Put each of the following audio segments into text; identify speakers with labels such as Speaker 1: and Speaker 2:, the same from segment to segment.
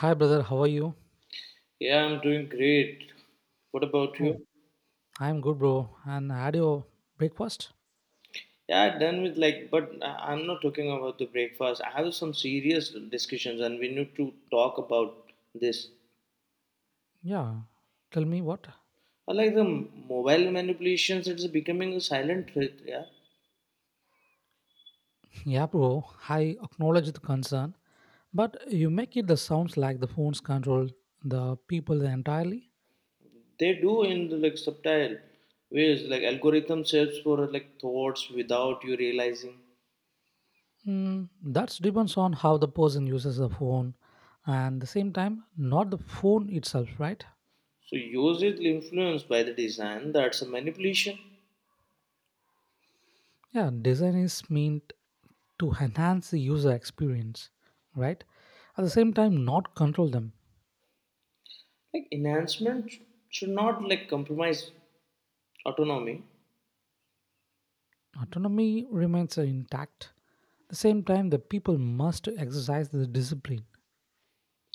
Speaker 1: Hi, brother. How are you?
Speaker 2: Yeah, I'm doing great. What about
Speaker 1: Oh,
Speaker 2: you?
Speaker 1: I'm good, bro. And had your breakfast?
Speaker 2: Yeah, done with like, but I'm not talking about the breakfast. I have some serious discussions, and we need to talk about this.
Speaker 1: Yeah. Tell me what?
Speaker 2: Like the mobile manipulations, it's becoming a silent threat. Yeah,
Speaker 1: Yeah, bro. I acknowledge the concern, but you make it the sounds like the phones control the people entirely.
Speaker 2: they do in like subtle ways, like algorithm search for like thoughts without you realizing.
Speaker 1: That depends on how the person uses the phone, and the same time, not the phone itself, right?
Speaker 2: So use it influenced by the design. That's a manipulation.
Speaker 1: Yeah, design is meant to enhance the user experience, right? At the same time, not control them.
Speaker 2: Like enhancement should not like compromise autonomy.
Speaker 1: Autonomy remains intact. At the same time, the people must exercise the discipline.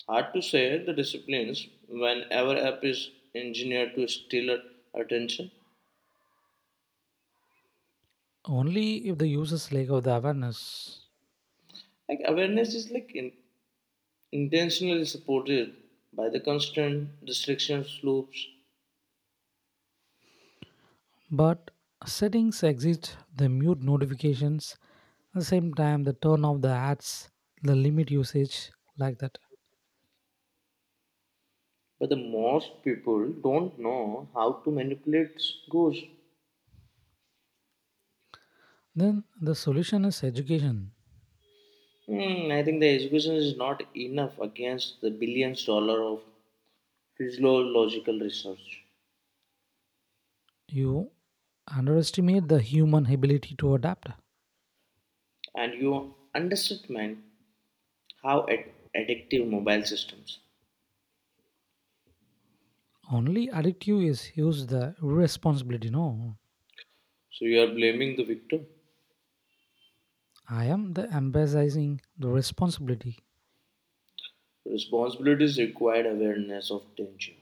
Speaker 2: Hard to say the disciplines when our app is engineered to steal our attention.
Speaker 1: Only if the users lack of the awareness.
Speaker 2: Like awareness is like intentionally supported by the constant distractions loops,
Speaker 1: But settings exist, the mute notifications, at the same time, the turn off the ads, the limit usage, like that.
Speaker 2: but the most people don't know how to manipulate goals.
Speaker 1: Then the solution is education.
Speaker 2: I think the education is not enough against the billions dollar of physiological research,
Speaker 1: You underestimate the human ability to adapt.
Speaker 2: and you underestimate how addictive mobile systems.
Speaker 1: Only addictive is use the responsibility. No,
Speaker 2: So you are blaming the victim.
Speaker 1: I am the emphasizing the responsibility.
Speaker 2: Responsibility is required awareness of danger,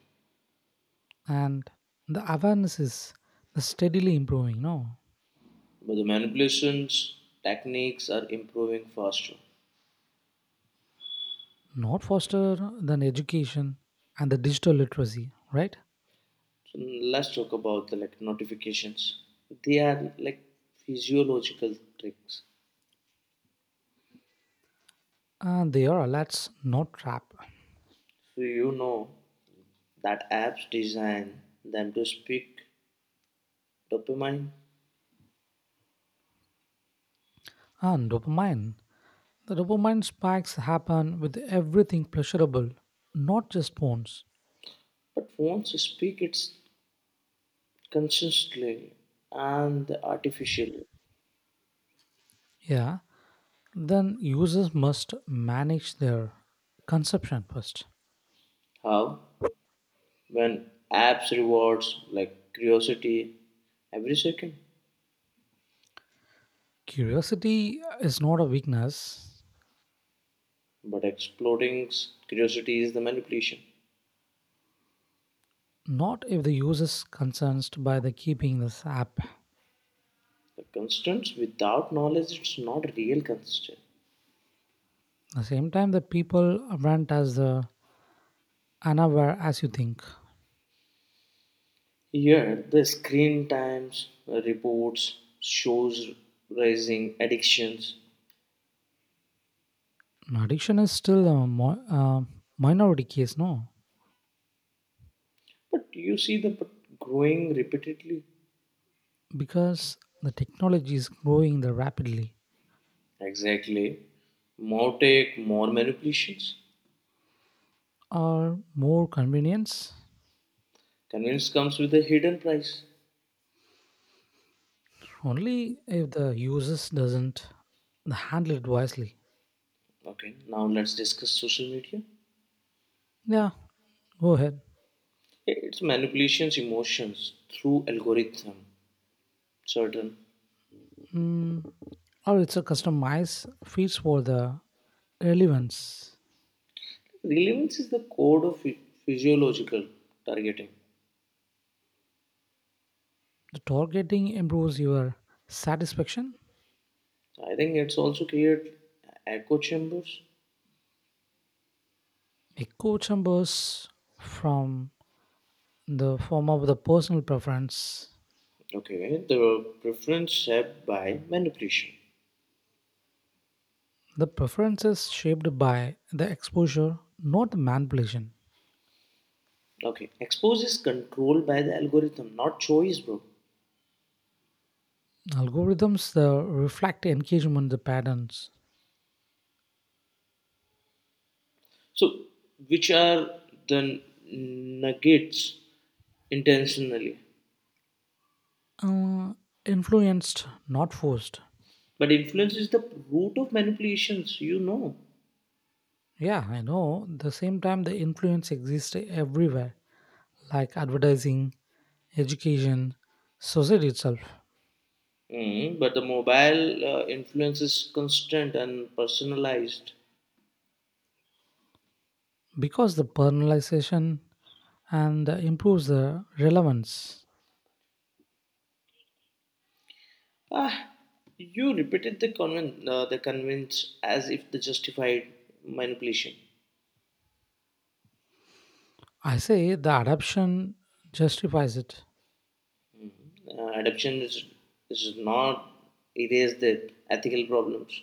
Speaker 1: And the awareness is steadily improving, no.
Speaker 2: but the manipulations techniques are improving faster.
Speaker 1: Not faster than education and the digital literacy, right?
Speaker 2: So let's talk about the like notifications. They are like physiological tricks.
Speaker 1: And they are alerts, not trap.
Speaker 2: So you know that apps design them to speak dopamine,
Speaker 1: And dopamine the dopamine spikes happen with everything pleasurable, not just phones.
Speaker 2: but phones speak it consistently and artificially.
Speaker 1: Yeah, then users must manage their consumption first.
Speaker 2: How? When apps rewards like curiosity every second.
Speaker 1: Curiosity is not a weakness.
Speaker 2: But exploring curiosity is the manipulation.
Speaker 1: Not if the user is concerned by the keeping this app.
Speaker 2: The constraints without knowledge, it's not real constraint.
Speaker 1: The same time, the people aren't as unaware as you think.
Speaker 2: Here, the screen times, reports, shows rising addictions.
Speaker 1: No, addiction is still a minority case, no?
Speaker 2: But you see the but growing repeatedly.
Speaker 1: Because the technology is growing the rapidly.
Speaker 2: Exactly. More take, more manipulations.
Speaker 1: Or more convenience.
Speaker 2: Convenience comes with a hidden price.
Speaker 1: Only if the users doesn't handle it wisely.
Speaker 2: Okay, now let's discuss social media.
Speaker 1: Yeah, go ahead.
Speaker 2: It's manipulations, emotions through algorithm, certain.
Speaker 1: Mm, or it's a customized feeds for the relevance.
Speaker 2: Relevance is the code of physiological targeting.
Speaker 1: The targeting improves your satisfaction.
Speaker 2: I think it's also created echo chambers.
Speaker 1: Echo chambers from the form of the personal preference.
Speaker 2: Okay, the preference set by manipulation.
Speaker 1: The preference is shaped by the exposure, not manipulation.
Speaker 2: Okay, expose is controlled by the algorithm, not choice, bro.
Speaker 1: Algorithms reflect engagement the patterns,
Speaker 2: So, which are the nuggets intentionally?
Speaker 1: uh, influenced, not forced.
Speaker 2: But influence is the root of manipulations, you know.
Speaker 1: Yeah, I know. The same time, the influence exists everywhere, like advertising, education, society itself,
Speaker 2: Mm, but the mobile influence is constant and personalized.
Speaker 1: because the personalization and improves the relevance.
Speaker 2: Ah, you repeated the convince as if the justified manipulation.
Speaker 1: I say the adoption justifies it.
Speaker 2: Adoption is not erase the ethical problems.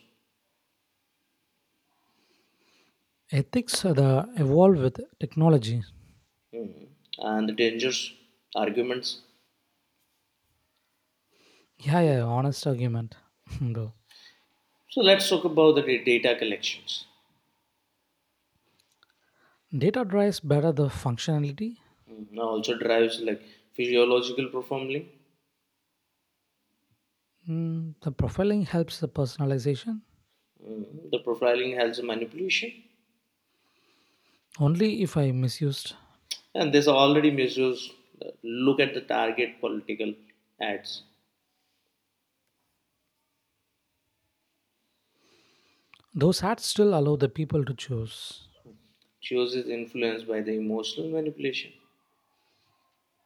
Speaker 1: Ethics the evolve with technology.
Speaker 2: Mhm. And the dangers, arguments.
Speaker 1: Yeah, yeah, honest argument. Bro.
Speaker 2: So let's talk about the data collections.
Speaker 1: Data drives better the functionality.
Speaker 2: Mhm. Now also drives like physiological profiling.
Speaker 1: The profiling helps the personalization.
Speaker 2: Mhm. The profiling has a manipulation,
Speaker 1: Only if I misused.
Speaker 2: and this already measures. uh, Look at the target political ads.
Speaker 1: Those hats, still allow the people to choose.
Speaker 2: Chooses influenced by the emotional manipulation.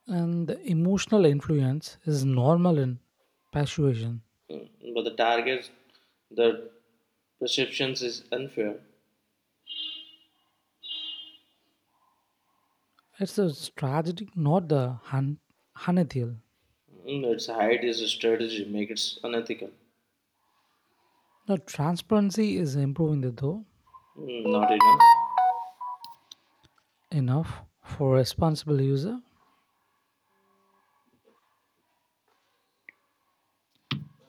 Speaker 1: And the emotional influence is normal in persuasion.
Speaker 2: Mm, but the targets the perceptions is unfair.
Speaker 1: It's a strategy, not the unethical.
Speaker 2: Mm, its height is a strategy make it unethical.
Speaker 1: The transparency is improving the though.
Speaker 2: Mm, not enough,
Speaker 1: Enough for responsible user.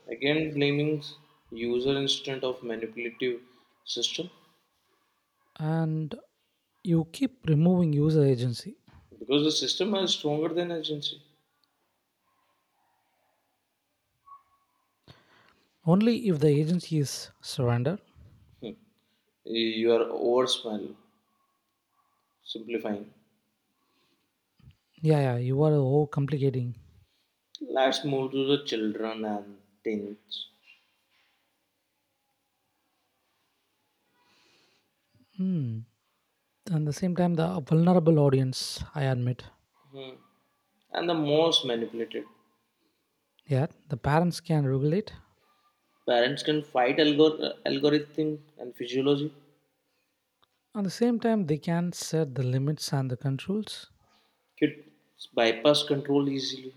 Speaker 2: again blaming user instead of manipulative system
Speaker 1: And you keep removing user agency.
Speaker 2: because the system is stronger than agency.
Speaker 1: Only if the agency is surrendered.
Speaker 2: You are over smell simplifying.
Speaker 1: Yeah, yeah, you are oh complicating.
Speaker 2: Let's move to the children and teens.
Speaker 1: Hmm. And the same time, the vulnerable audience, I admit.
Speaker 2: Hmm. And the most manipulated
Speaker 1: Yeah, the parents can regulate.
Speaker 2: parents can fight algorithm and physiology,
Speaker 1: At the same time, they can set the limits and the controls.
Speaker 2: could bypass control easily.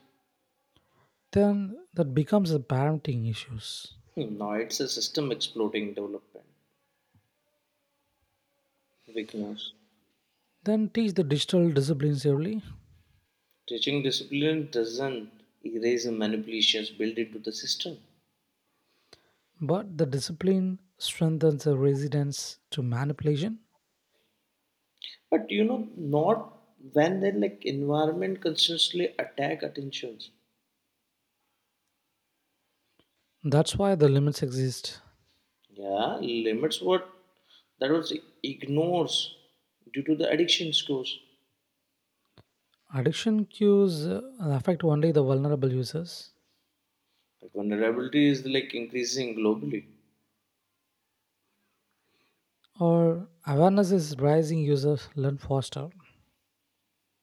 Speaker 1: Then that becomes the parenting issues.
Speaker 2: Hmm, no, it's a system exploding development weakness.
Speaker 1: Then teach the digital disciplines early.
Speaker 2: Teaching discipline doesn't erase the manipulations built into the system.
Speaker 1: But the discipline strengthens the resistance to manipulation.
Speaker 2: But you know, not when they like environment constantly attack attentions.
Speaker 1: That's why the limits exist.
Speaker 2: Yeah, limits what that was ignores due to the addiction scores.
Speaker 1: Addiction cues affect only the vulnerable users.
Speaker 2: Like vulnerability is like increasing globally.
Speaker 1: Or awareness is rising, users learn faster.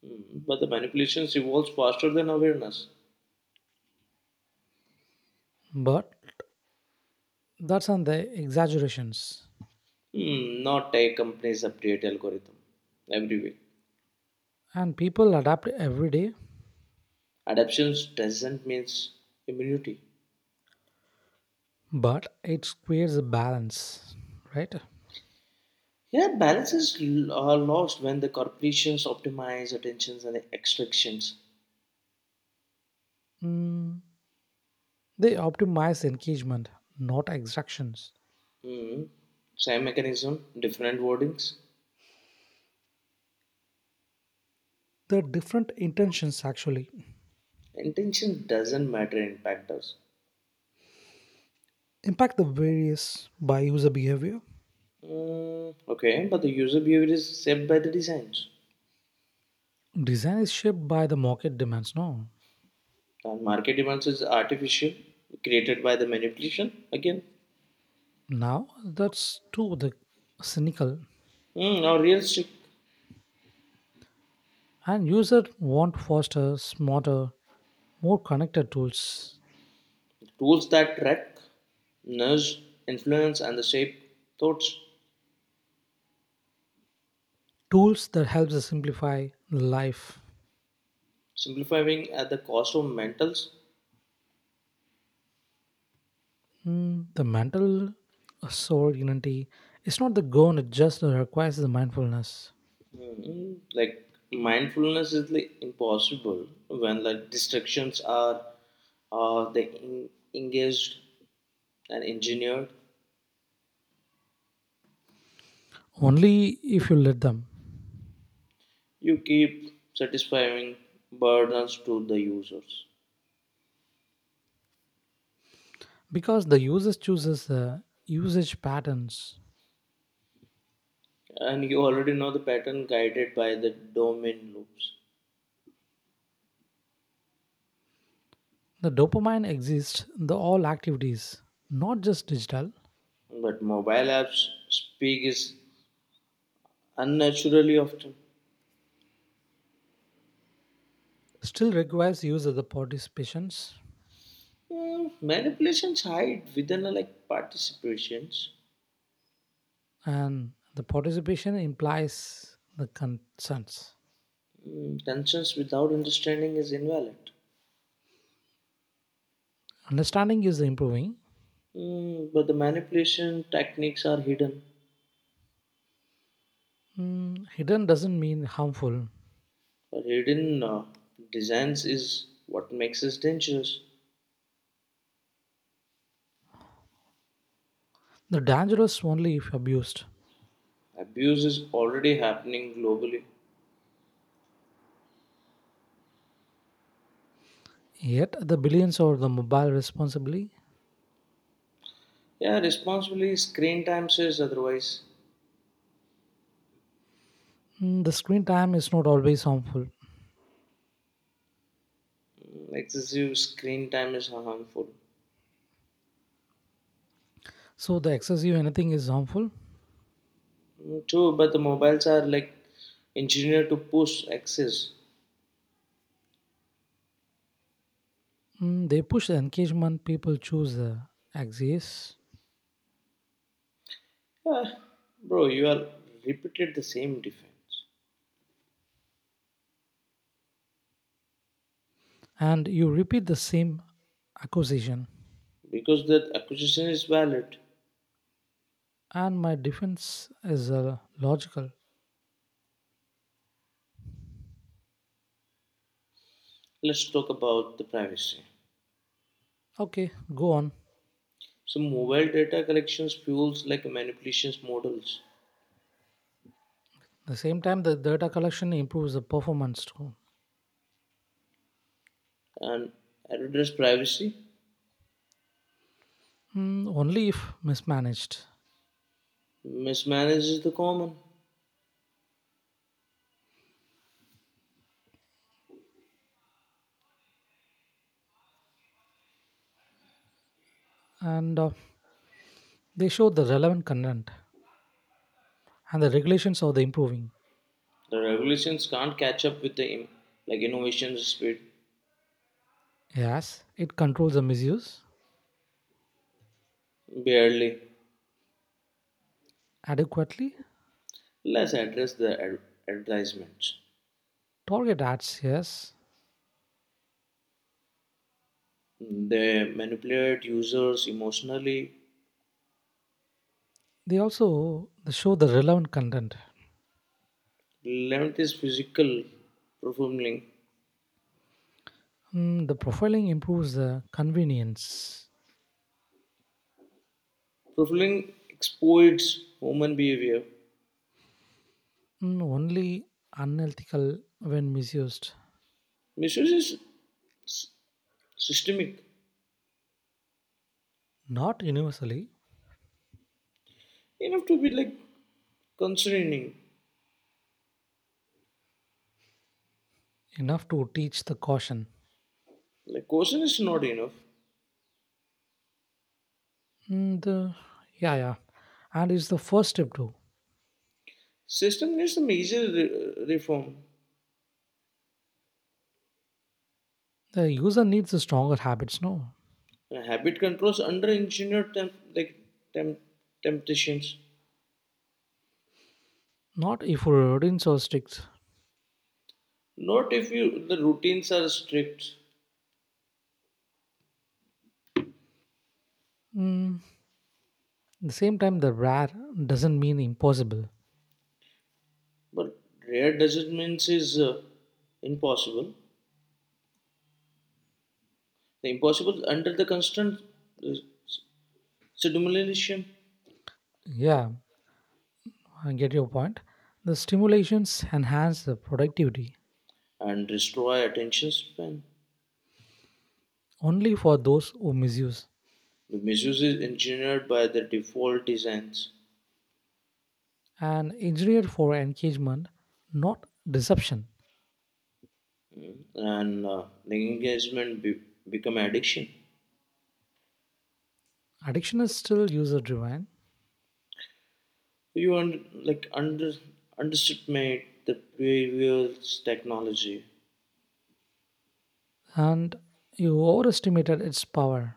Speaker 2: Hmm, but the manipulations evolves faster than awareness.
Speaker 1: But that's on the exaggerations.
Speaker 2: Hmm, not a company's update algorithm every week.
Speaker 1: And people adapt every day,
Speaker 2: Adaptations doesn't mean immunity.
Speaker 1: but it creates a balance, right?
Speaker 2: Yeah, balance is are lost when the corporations optimize attentions and extractions.
Speaker 1: Mm, they optimize engagement, not extractions.
Speaker 2: Hmm. Same mechanism, different wordings.
Speaker 1: The different intentions actually.
Speaker 2: Intention doesn't matter, impact does.
Speaker 1: Impact the various by user behavior.
Speaker 2: Hmm. Okay, but the user behavior is shaped by the designs.
Speaker 1: Design is shaped by the market demands, no?
Speaker 2: And market demands is artificial, created by the manipulation again.
Speaker 1: Now that's too the cynical.
Speaker 2: Hmm. Or realistic.
Speaker 1: And users want faster, smarter, more connected tools.
Speaker 2: Tools that track, nudge, influence, and the shape thoughts,
Speaker 1: Tools that helps us simplify life.
Speaker 2: simplifying at the cost of mentals.
Speaker 1: The mental soul unity is not the goal, it just requires the mindfulness.
Speaker 2: Mm, like mindfulness is like impossible when like distractions are engaged and engineered.
Speaker 1: Only if you let them.
Speaker 2: You keep satisfying burdens to the users,
Speaker 1: Because the users chooses the usage patterns.
Speaker 2: and you already know the pattern guided by the domain loops.
Speaker 1: The dopamine exists in the all activities, not just digital.
Speaker 2: But mobile apps speak is unnaturally often.
Speaker 1: Still requires user the participations.
Speaker 2: Mm, manipulations hide within like participations.
Speaker 1: And the participation implies the concerns.
Speaker 2: Mm, concerns without understanding is invalid.
Speaker 1: Understanding is improving.
Speaker 2: Mm, but the manipulation techniques are hidden.
Speaker 1: Hidden doesn't mean harmful.
Speaker 2: But hidden designs is what makes us dangerous.
Speaker 1: The dangerous only if abused.
Speaker 2: Abuse is already happening globally.
Speaker 1: Yet the billions or the mobile responsibly.
Speaker 2: Yeah, responsibly screen time says otherwise.
Speaker 1: The screen time is not always harmful.
Speaker 2: Mm, excessive screen time is harmful.
Speaker 1: So the excessive anything is harmful.
Speaker 2: Mm, true, but the mobiles are like engineered to push access.
Speaker 1: They push the engagement. People choose the axis,
Speaker 2: Ah, bro, you are repeated the same defense
Speaker 1: and you repeat the same accusation.
Speaker 2: because the accusation is valid.
Speaker 1: And my defense is logical.
Speaker 2: Let's talk about the privacy.
Speaker 1: Okay, go on.
Speaker 2: So, mobile data collections fuels like manipulations models,
Speaker 1: The same time, the data collection improves the performance too.
Speaker 2: and address privacy
Speaker 1: Only if mismanaged.
Speaker 2: mismanages the common.
Speaker 1: And they show the relevant content and the regulations are the improving.
Speaker 2: The regulations can't catch up with the like innovation speed,
Speaker 1: Yes, it controls the misuse
Speaker 2: barely.
Speaker 1: adequately.
Speaker 2: Let's address the advertisements.
Speaker 1: Target ads, yes.
Speaker 2: They manipulate users emotionally.
Speaker 1: They show the relevant content.
Speaker 2: Limit is physical performing.
Speaker 1: The profiling improves the convenience.
Speaker 2: Profiling exploits human behavior.
Speaker 1: Only unethical when misused,
Speaker 2: Misuse is s- systemic
Speaker 1: not universally
Speaker 2: enough to be like concerning.
Speaker 1: enough to teach the caution.
Speaker 2: Like caution is not enough.
Speaker 1: And yeah, yeah. And it's the first step too.
Speaker 2: System needs a major reform.
Speaker 1: The user needs a stronger habits, no?
Speaker 2: And habit controls under engineered temp- temptations.
Speaker 1: Not if ephemerins or sticks.
Speaker 2: Not if you the routines are strict,
Speaker 1: Mm, the same time, the rare doesn't mean impossible.
Speaker 2: but rare doesn't mean is impossible. The impossible under the constant uh, stimulation
Speaker 1: Yeah, I get your point. The stimulations enhance the productivity
Speaker 2: and destroy attention span.
Speaker 1: only for those who misuse.
Speaker 2: The misuse is engineered by the default designs,
Speaker 1: And engineered for engagement, not deception.
Speaker 2: and the engagement become addiction.
Speaker 1: Addiction is still user driven,
Speaker 2: So you underestimate the behavioral technology,
Speaker 1: and you overestimated its power.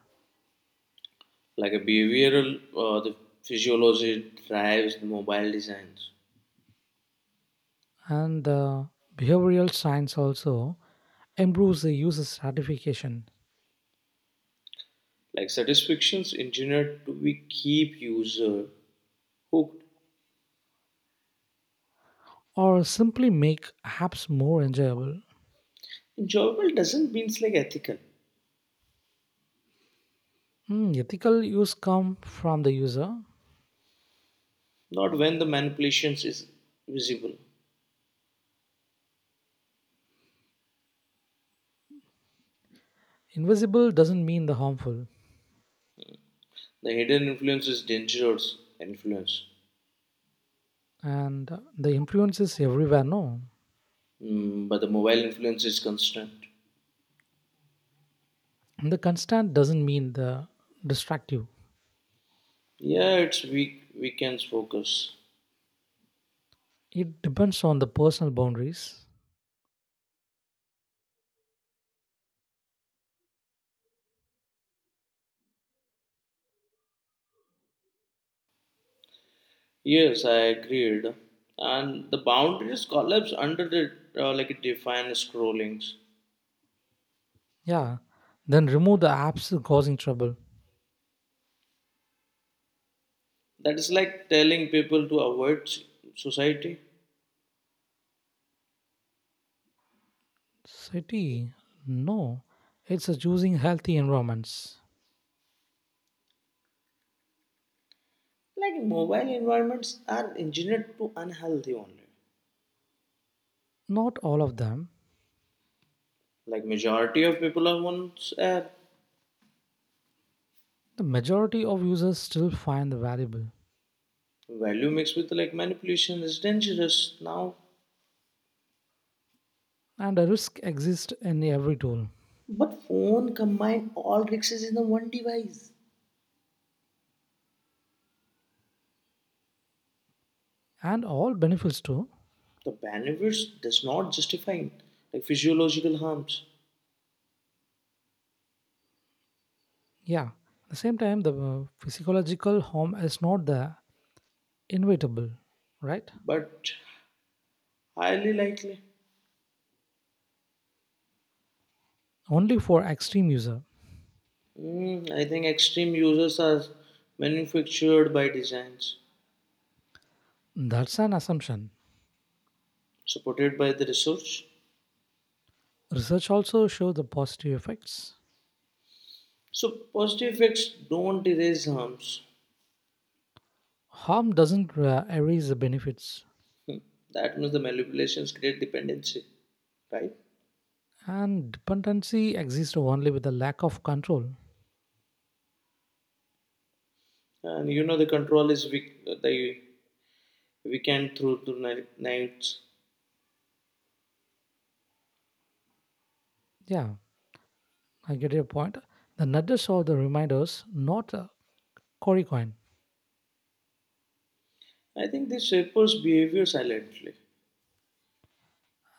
Speaker 2: like a behavioral the physiology drives the mobile designs.
Speaker 1: And the behavioral science also improves the user satisfaction,
Speaker 2: Like satisfactions engineered to be keep user hooked.
Speaker 1: or simply make apps more enjoyable.
Speaker 2: Enjoyable doesn't means like ethical,
Speaker 1: Ethical use come from the user.
Speaker 2: not when the manipulations is visible.
Speaker 1: Invisible doesn't mean the harmful.
Speaker 2: The hidden influence is dangerous influence.
Speaker 1: And the influence is everywhere, no.
Speaker 2: Mm, but the mobile influence is constant.
Speaker 1: And the constant doesn't mean the destructive.
Speaker 2: Yeah, it's weak weekends focus.
Speaker 1: It depends on the personal boundaries.
Speaker 2: Yes, I agreed. And the boundaries collapse under the like defined scrollings.
Speaker 1: Yeah, then remove the apps causing trouble.
Speaker 2: That is like telling people to avoid society.
Speaker 1: City, no, it's a choosing healthy environments.
Speaker 2: Like mobile environments are engineered to unhealthy only.
Speaker 1: Not all of them.
Speaker 2: Like majority of people are one's air.
Speaker 1: The majority of users still find the valuable.
Speaker 2: Value mixed with like manipulation is dangerous now.
Speaker 1: And a risk exists in every tool.
Speaker 2: But phone combine all risks in the one device.
Speaker 1: And all benefits too.
Speaker 2: The benefits does not justify like physiological harms,
Speaker 1: Yeah, at the same time, the psychological harm is not the inevitable, right?
Speaker 2: but highly likely.
Speaker 1: Only for extreme user.
Speaker 2: Mm, I think extreme users are manufactured by designs
Speaker 1: That's an assumption.
Speaker 2: supported by the research.
Speaker 1: Research also shows the positive effects.
Speaker 2: So positive effects don't erase harms.
Speaker 1: Harm doesn't erase the benefits.
Speaker 2: That means the manipulations create dependency, right?
Speaker 1: And dependency exists only with the lack of control.
Speaker 2: And you know the control is weak, the weekend through the night, nights.
Speaker 1: Yeah, I get your point. The nudges or the reminders, not a cory coin.
Speaker 2: I think this shapes behavior silently.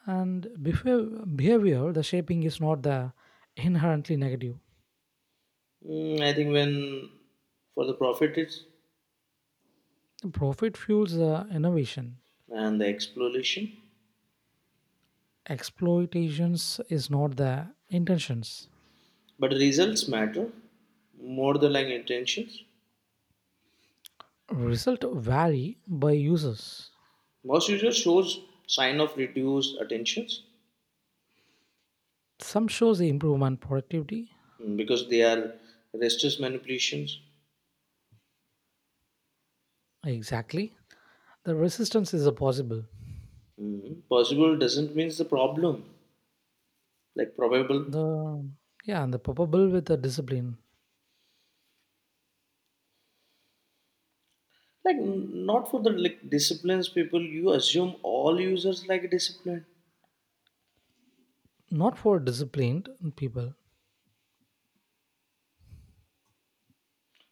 Speaker 1: And behavior, the shaping is not the inherently negative.
Speaker 2: Mm, I think when for the profit it's
Speaker 1: Profit fuels the innovation.
Speaker 2: and the exploration,
Speaker 1: Exploitations is not the intentions.
Speaker 2: but results matter more than like intentions.
Speaker 1: Result vary by users.
Speaker 2: Most users shows sign of reduced attentions.
Speaker 1: Some shows the improvement productivity.
Speaker 2: Mm, because they are restless manipulations.
Speaker 1: Exactly. The resistance is a possible.
Speaker 2: Mm, possible doesn't means the problem like probable.
Speaker 1: The Yeah, and the probable with the discipline.
Speaker 2: Like not for the like disciplines people, you assume all users like discipline.
Speaker 1: Not for disciplined people.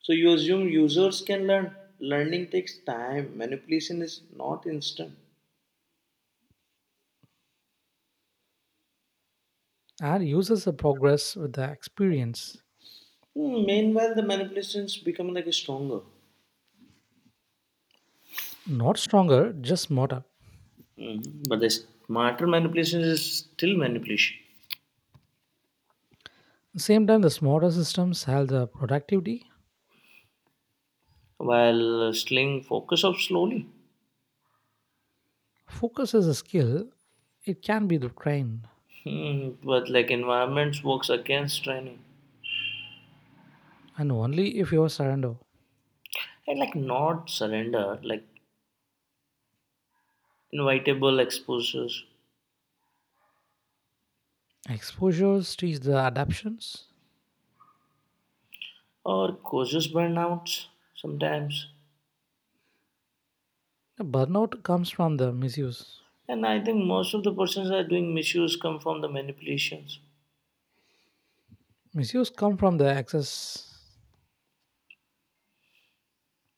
Speaker 2: So you assume users can learn, learning takes time, manipulation is not instant.
Speaker 1: And uses the progress with the experience.
Speaker 2: Hmm, meanwhile the manipulations become like stronger.
Speaker 1: Not stronger, just smarter.
Speaker 2: Mhm. But the smarter manipulation is still manipulation,
Speaker 1: Same time, the smarter systems have the productivity.
Speaker 2: while sling focus up slowly.
Speaker 1: Focus is a skill, it can be trained,
Speaker 2: Hmm. But like environments works against training,
Speaker 1: and only if you surrender.
Speaker 2: and like not surrender, like invitable exposures
Speaker 1: Exposures teach the adaptations.
Speaker 2: or causes burnouts sometimes.
Speaker 1: The burnout comes from the misuse.
Speaker 2: And I think most of the persons that are doing misuse come from the manipulations.
Speaker 1: Misuse come from the excess.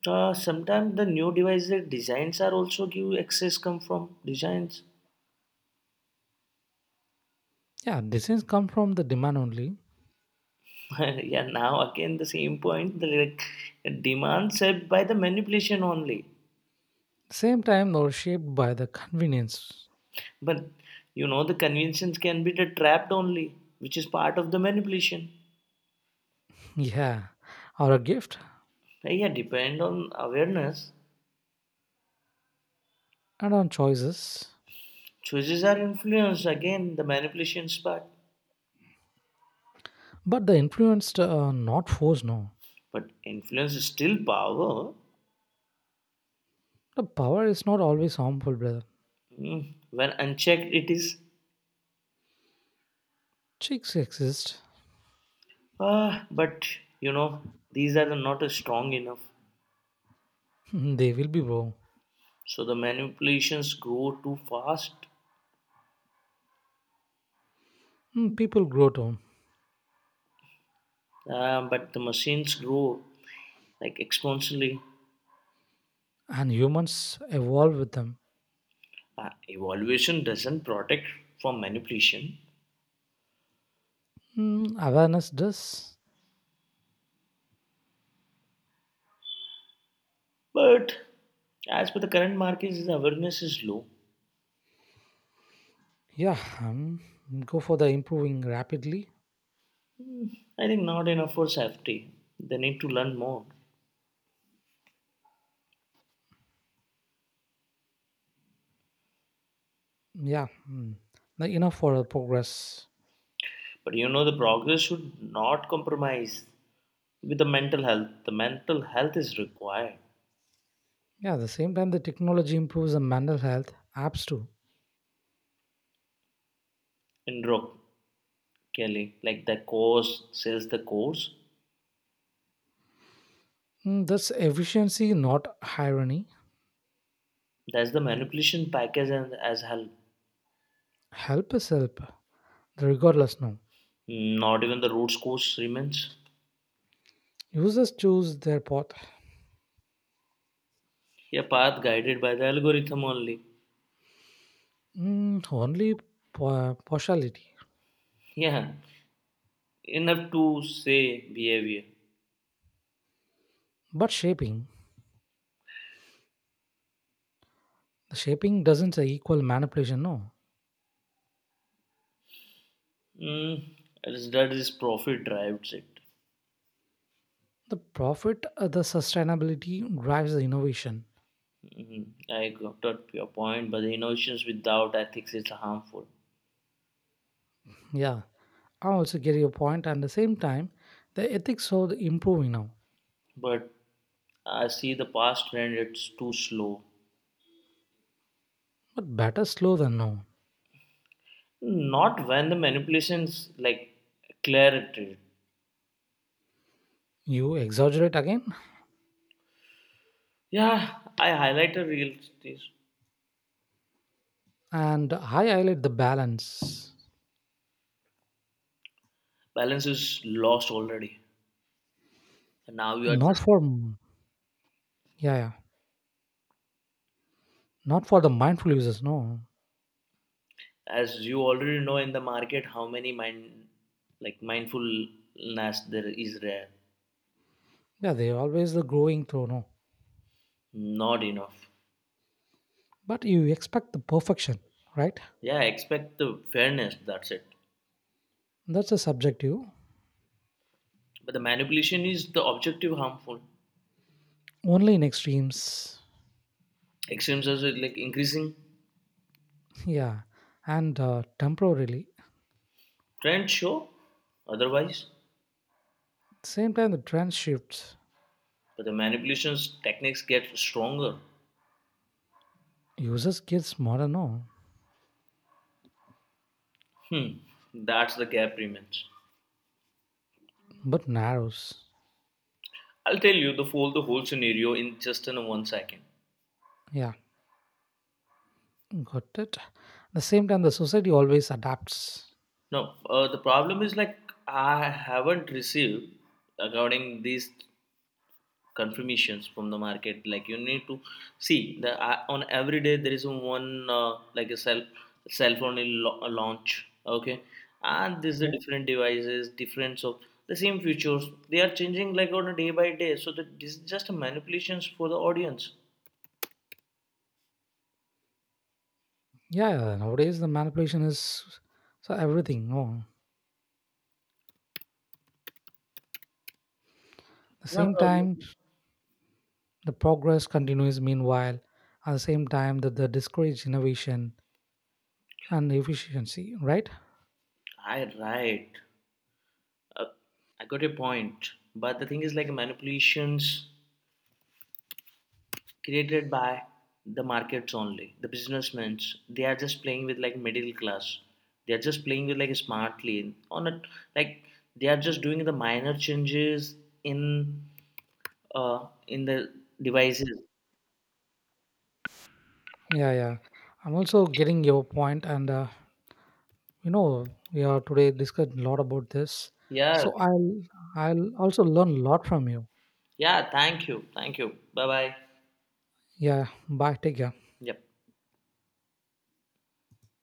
Speaker 2: Sometimes the new devices designs are also give access come from designs.
Speaker 1: Yeah, designs come from the demand only.
Speaker 2: But yeah, now again the same point, demand set by the manipulation only.
Speaker 1: Same time, they're shaped by the convenience.
Speaker 2: But you know, the conventions can be the trapped only, which is part of the manipulation.
Speaker 1: Yeah, or a gift.
Speaker 2: Yeah, depend on awareness.
Speaker 1: And on choices.
Speaker 2: Choices are influenced again, the manipulations part.
Speaker 1: But the influenced are not forced, no.
Speaker 2: But influence is still power.
Speaker 1: The power is not always harmful, brother.
Speaker 2: Mm, when unchecked, it is.
Speaker 1: Chicks exist.
Speaker 2: Ah, but you know, these are not strong enough.
Speaker 1: They will be wrong.
Speaker 2: So the manipulations grow too fast,
Speaker 1: People grow too,
Speaker 2: but the machines grow like exponentially.
Speaker 1: and humans evolve with them.
Speaker 2: Evaluation doesn't protect from manipulation,
Speaker 1: Awareness does.
Speaker 2: but as per the current markets, awareness is low.
Speaker 1: Yeah, go for the improving rapidly.
Speaker 2: I think not enough for safety. They need to learn more.
Speaker 1: Yeah, not enough for the progress.
Speaker 2: But you know, the progress should not compromise with the mental health. The mental health is required
Speaker 1: Yeah, at the same time, the technology improves the mental health, apps too.
Speaker 2: in Rook Kelly. Like the course sells the course.
Speaker 1: That's efficiency, not irony.
Speaker 2: That's the manipulation package and as hell.
Speaker 1: Help is help, regardless. No,
Speaker 2: Not even the roots course remains.
Speaker 1: users choose their path.
Speaker 2: A path guided by the algorithm only.
Speaker 1: Only partiality,
Speaker 2: Yeah, enough to say behavior.
Speaker 1: but shaping. The shaping doesn't equal manipulation. No.
Speaker 2: Mm, that is profit drives it.
Speaker 1: The profit the sustainability drives the innovation.
Speaker 2: Mhm. I got your point, but the innovations without ethics is harmful.
Speaker 1: Yeah, I also get your point. And at the same time, the ethics are improving now.
Speaker 2: But I see the past trend; it's too slow.
Speaker 1: But better slow than no.
Speaker 2: Not when the manipulations like clarity.
Speaker 1: You exaggerate again.
Speaker 2: Yeah, I highlight a real this
Speaker 1: And I highlight the balance.
Speaker 2: balance is lost already. And now you are
Speaker 1: Not
Speaker 2: just
Speaker 1: for. Yeah, yeah. Not for the mindful users, no.
Speaker 2: as you already know in the market how many mind like mindfulness there is rare.
Speaker 1: Yeah, they're always the growing through, no.
Speaker 2: Not enough.
Speaker 1: But you expect the perfection, right?
Speaker 2: Yeah, expect the fairness, that's it.
Speaker 1: That's a subjective.
Speaker 2: But the manipulation is the objective harmful.
Speaker 1: Only in extremes.
Speaker 2: Extremes are like increasing.
Speaker 1: Yeah, and temporarily.
Speaker 2: Trends show otherwise,
Speaker 1: Same time, the trend shifts.
Speaker 2: but the manipulations techniques get stronger.
Speaker 1: Users gets modern, no,
Speaker 2: Hmm, that's the gap remains.
Speaker 1: but narrows.
Speaker 2: I'll tell you the whole scenario in just in one second.
Speaker 1: Yeah, got it. At the same time, the society always adapts.
Speaker 2: No, the problem is like I haven't received according these confirmations from the market, like you need to see the on every day there is one like a cell phone in launch. Okay, and this is the
Speaker 1: Okay.
Speaker 2: different devices different of the same features, they are changing like on a day by day, so that this is just a manipulations for the audience.
Speaker 1: Yeah, nowadays the manipulation is so everything. No, at the
Speaker 2: No
Speaker 1: same
Speaker 2: problem.
Speaker 1: time, the progress continues. Meanwhile, at the same time, that the discourage innovation and efficiency, right?
Speaker 2: i right uh, I got a point, but the thing is like manipulations created by the markets only, the businessmen, they are just playing with like middle class, they are just playing with like smartly on it, like they are just doing the minor changes in the devices.
Speaker 1: Yeah, yeah. I'm also getting your point, and we are today discussed a lot about this.
Speaker 2: Yeah,
Speaker 1: So I'll also learn a lot from you.
Speaker 2: yeah, thank you, thank you, bye bye.
Speaker 1: Yeah. Bye. Take care.
Speaker 2: Yep.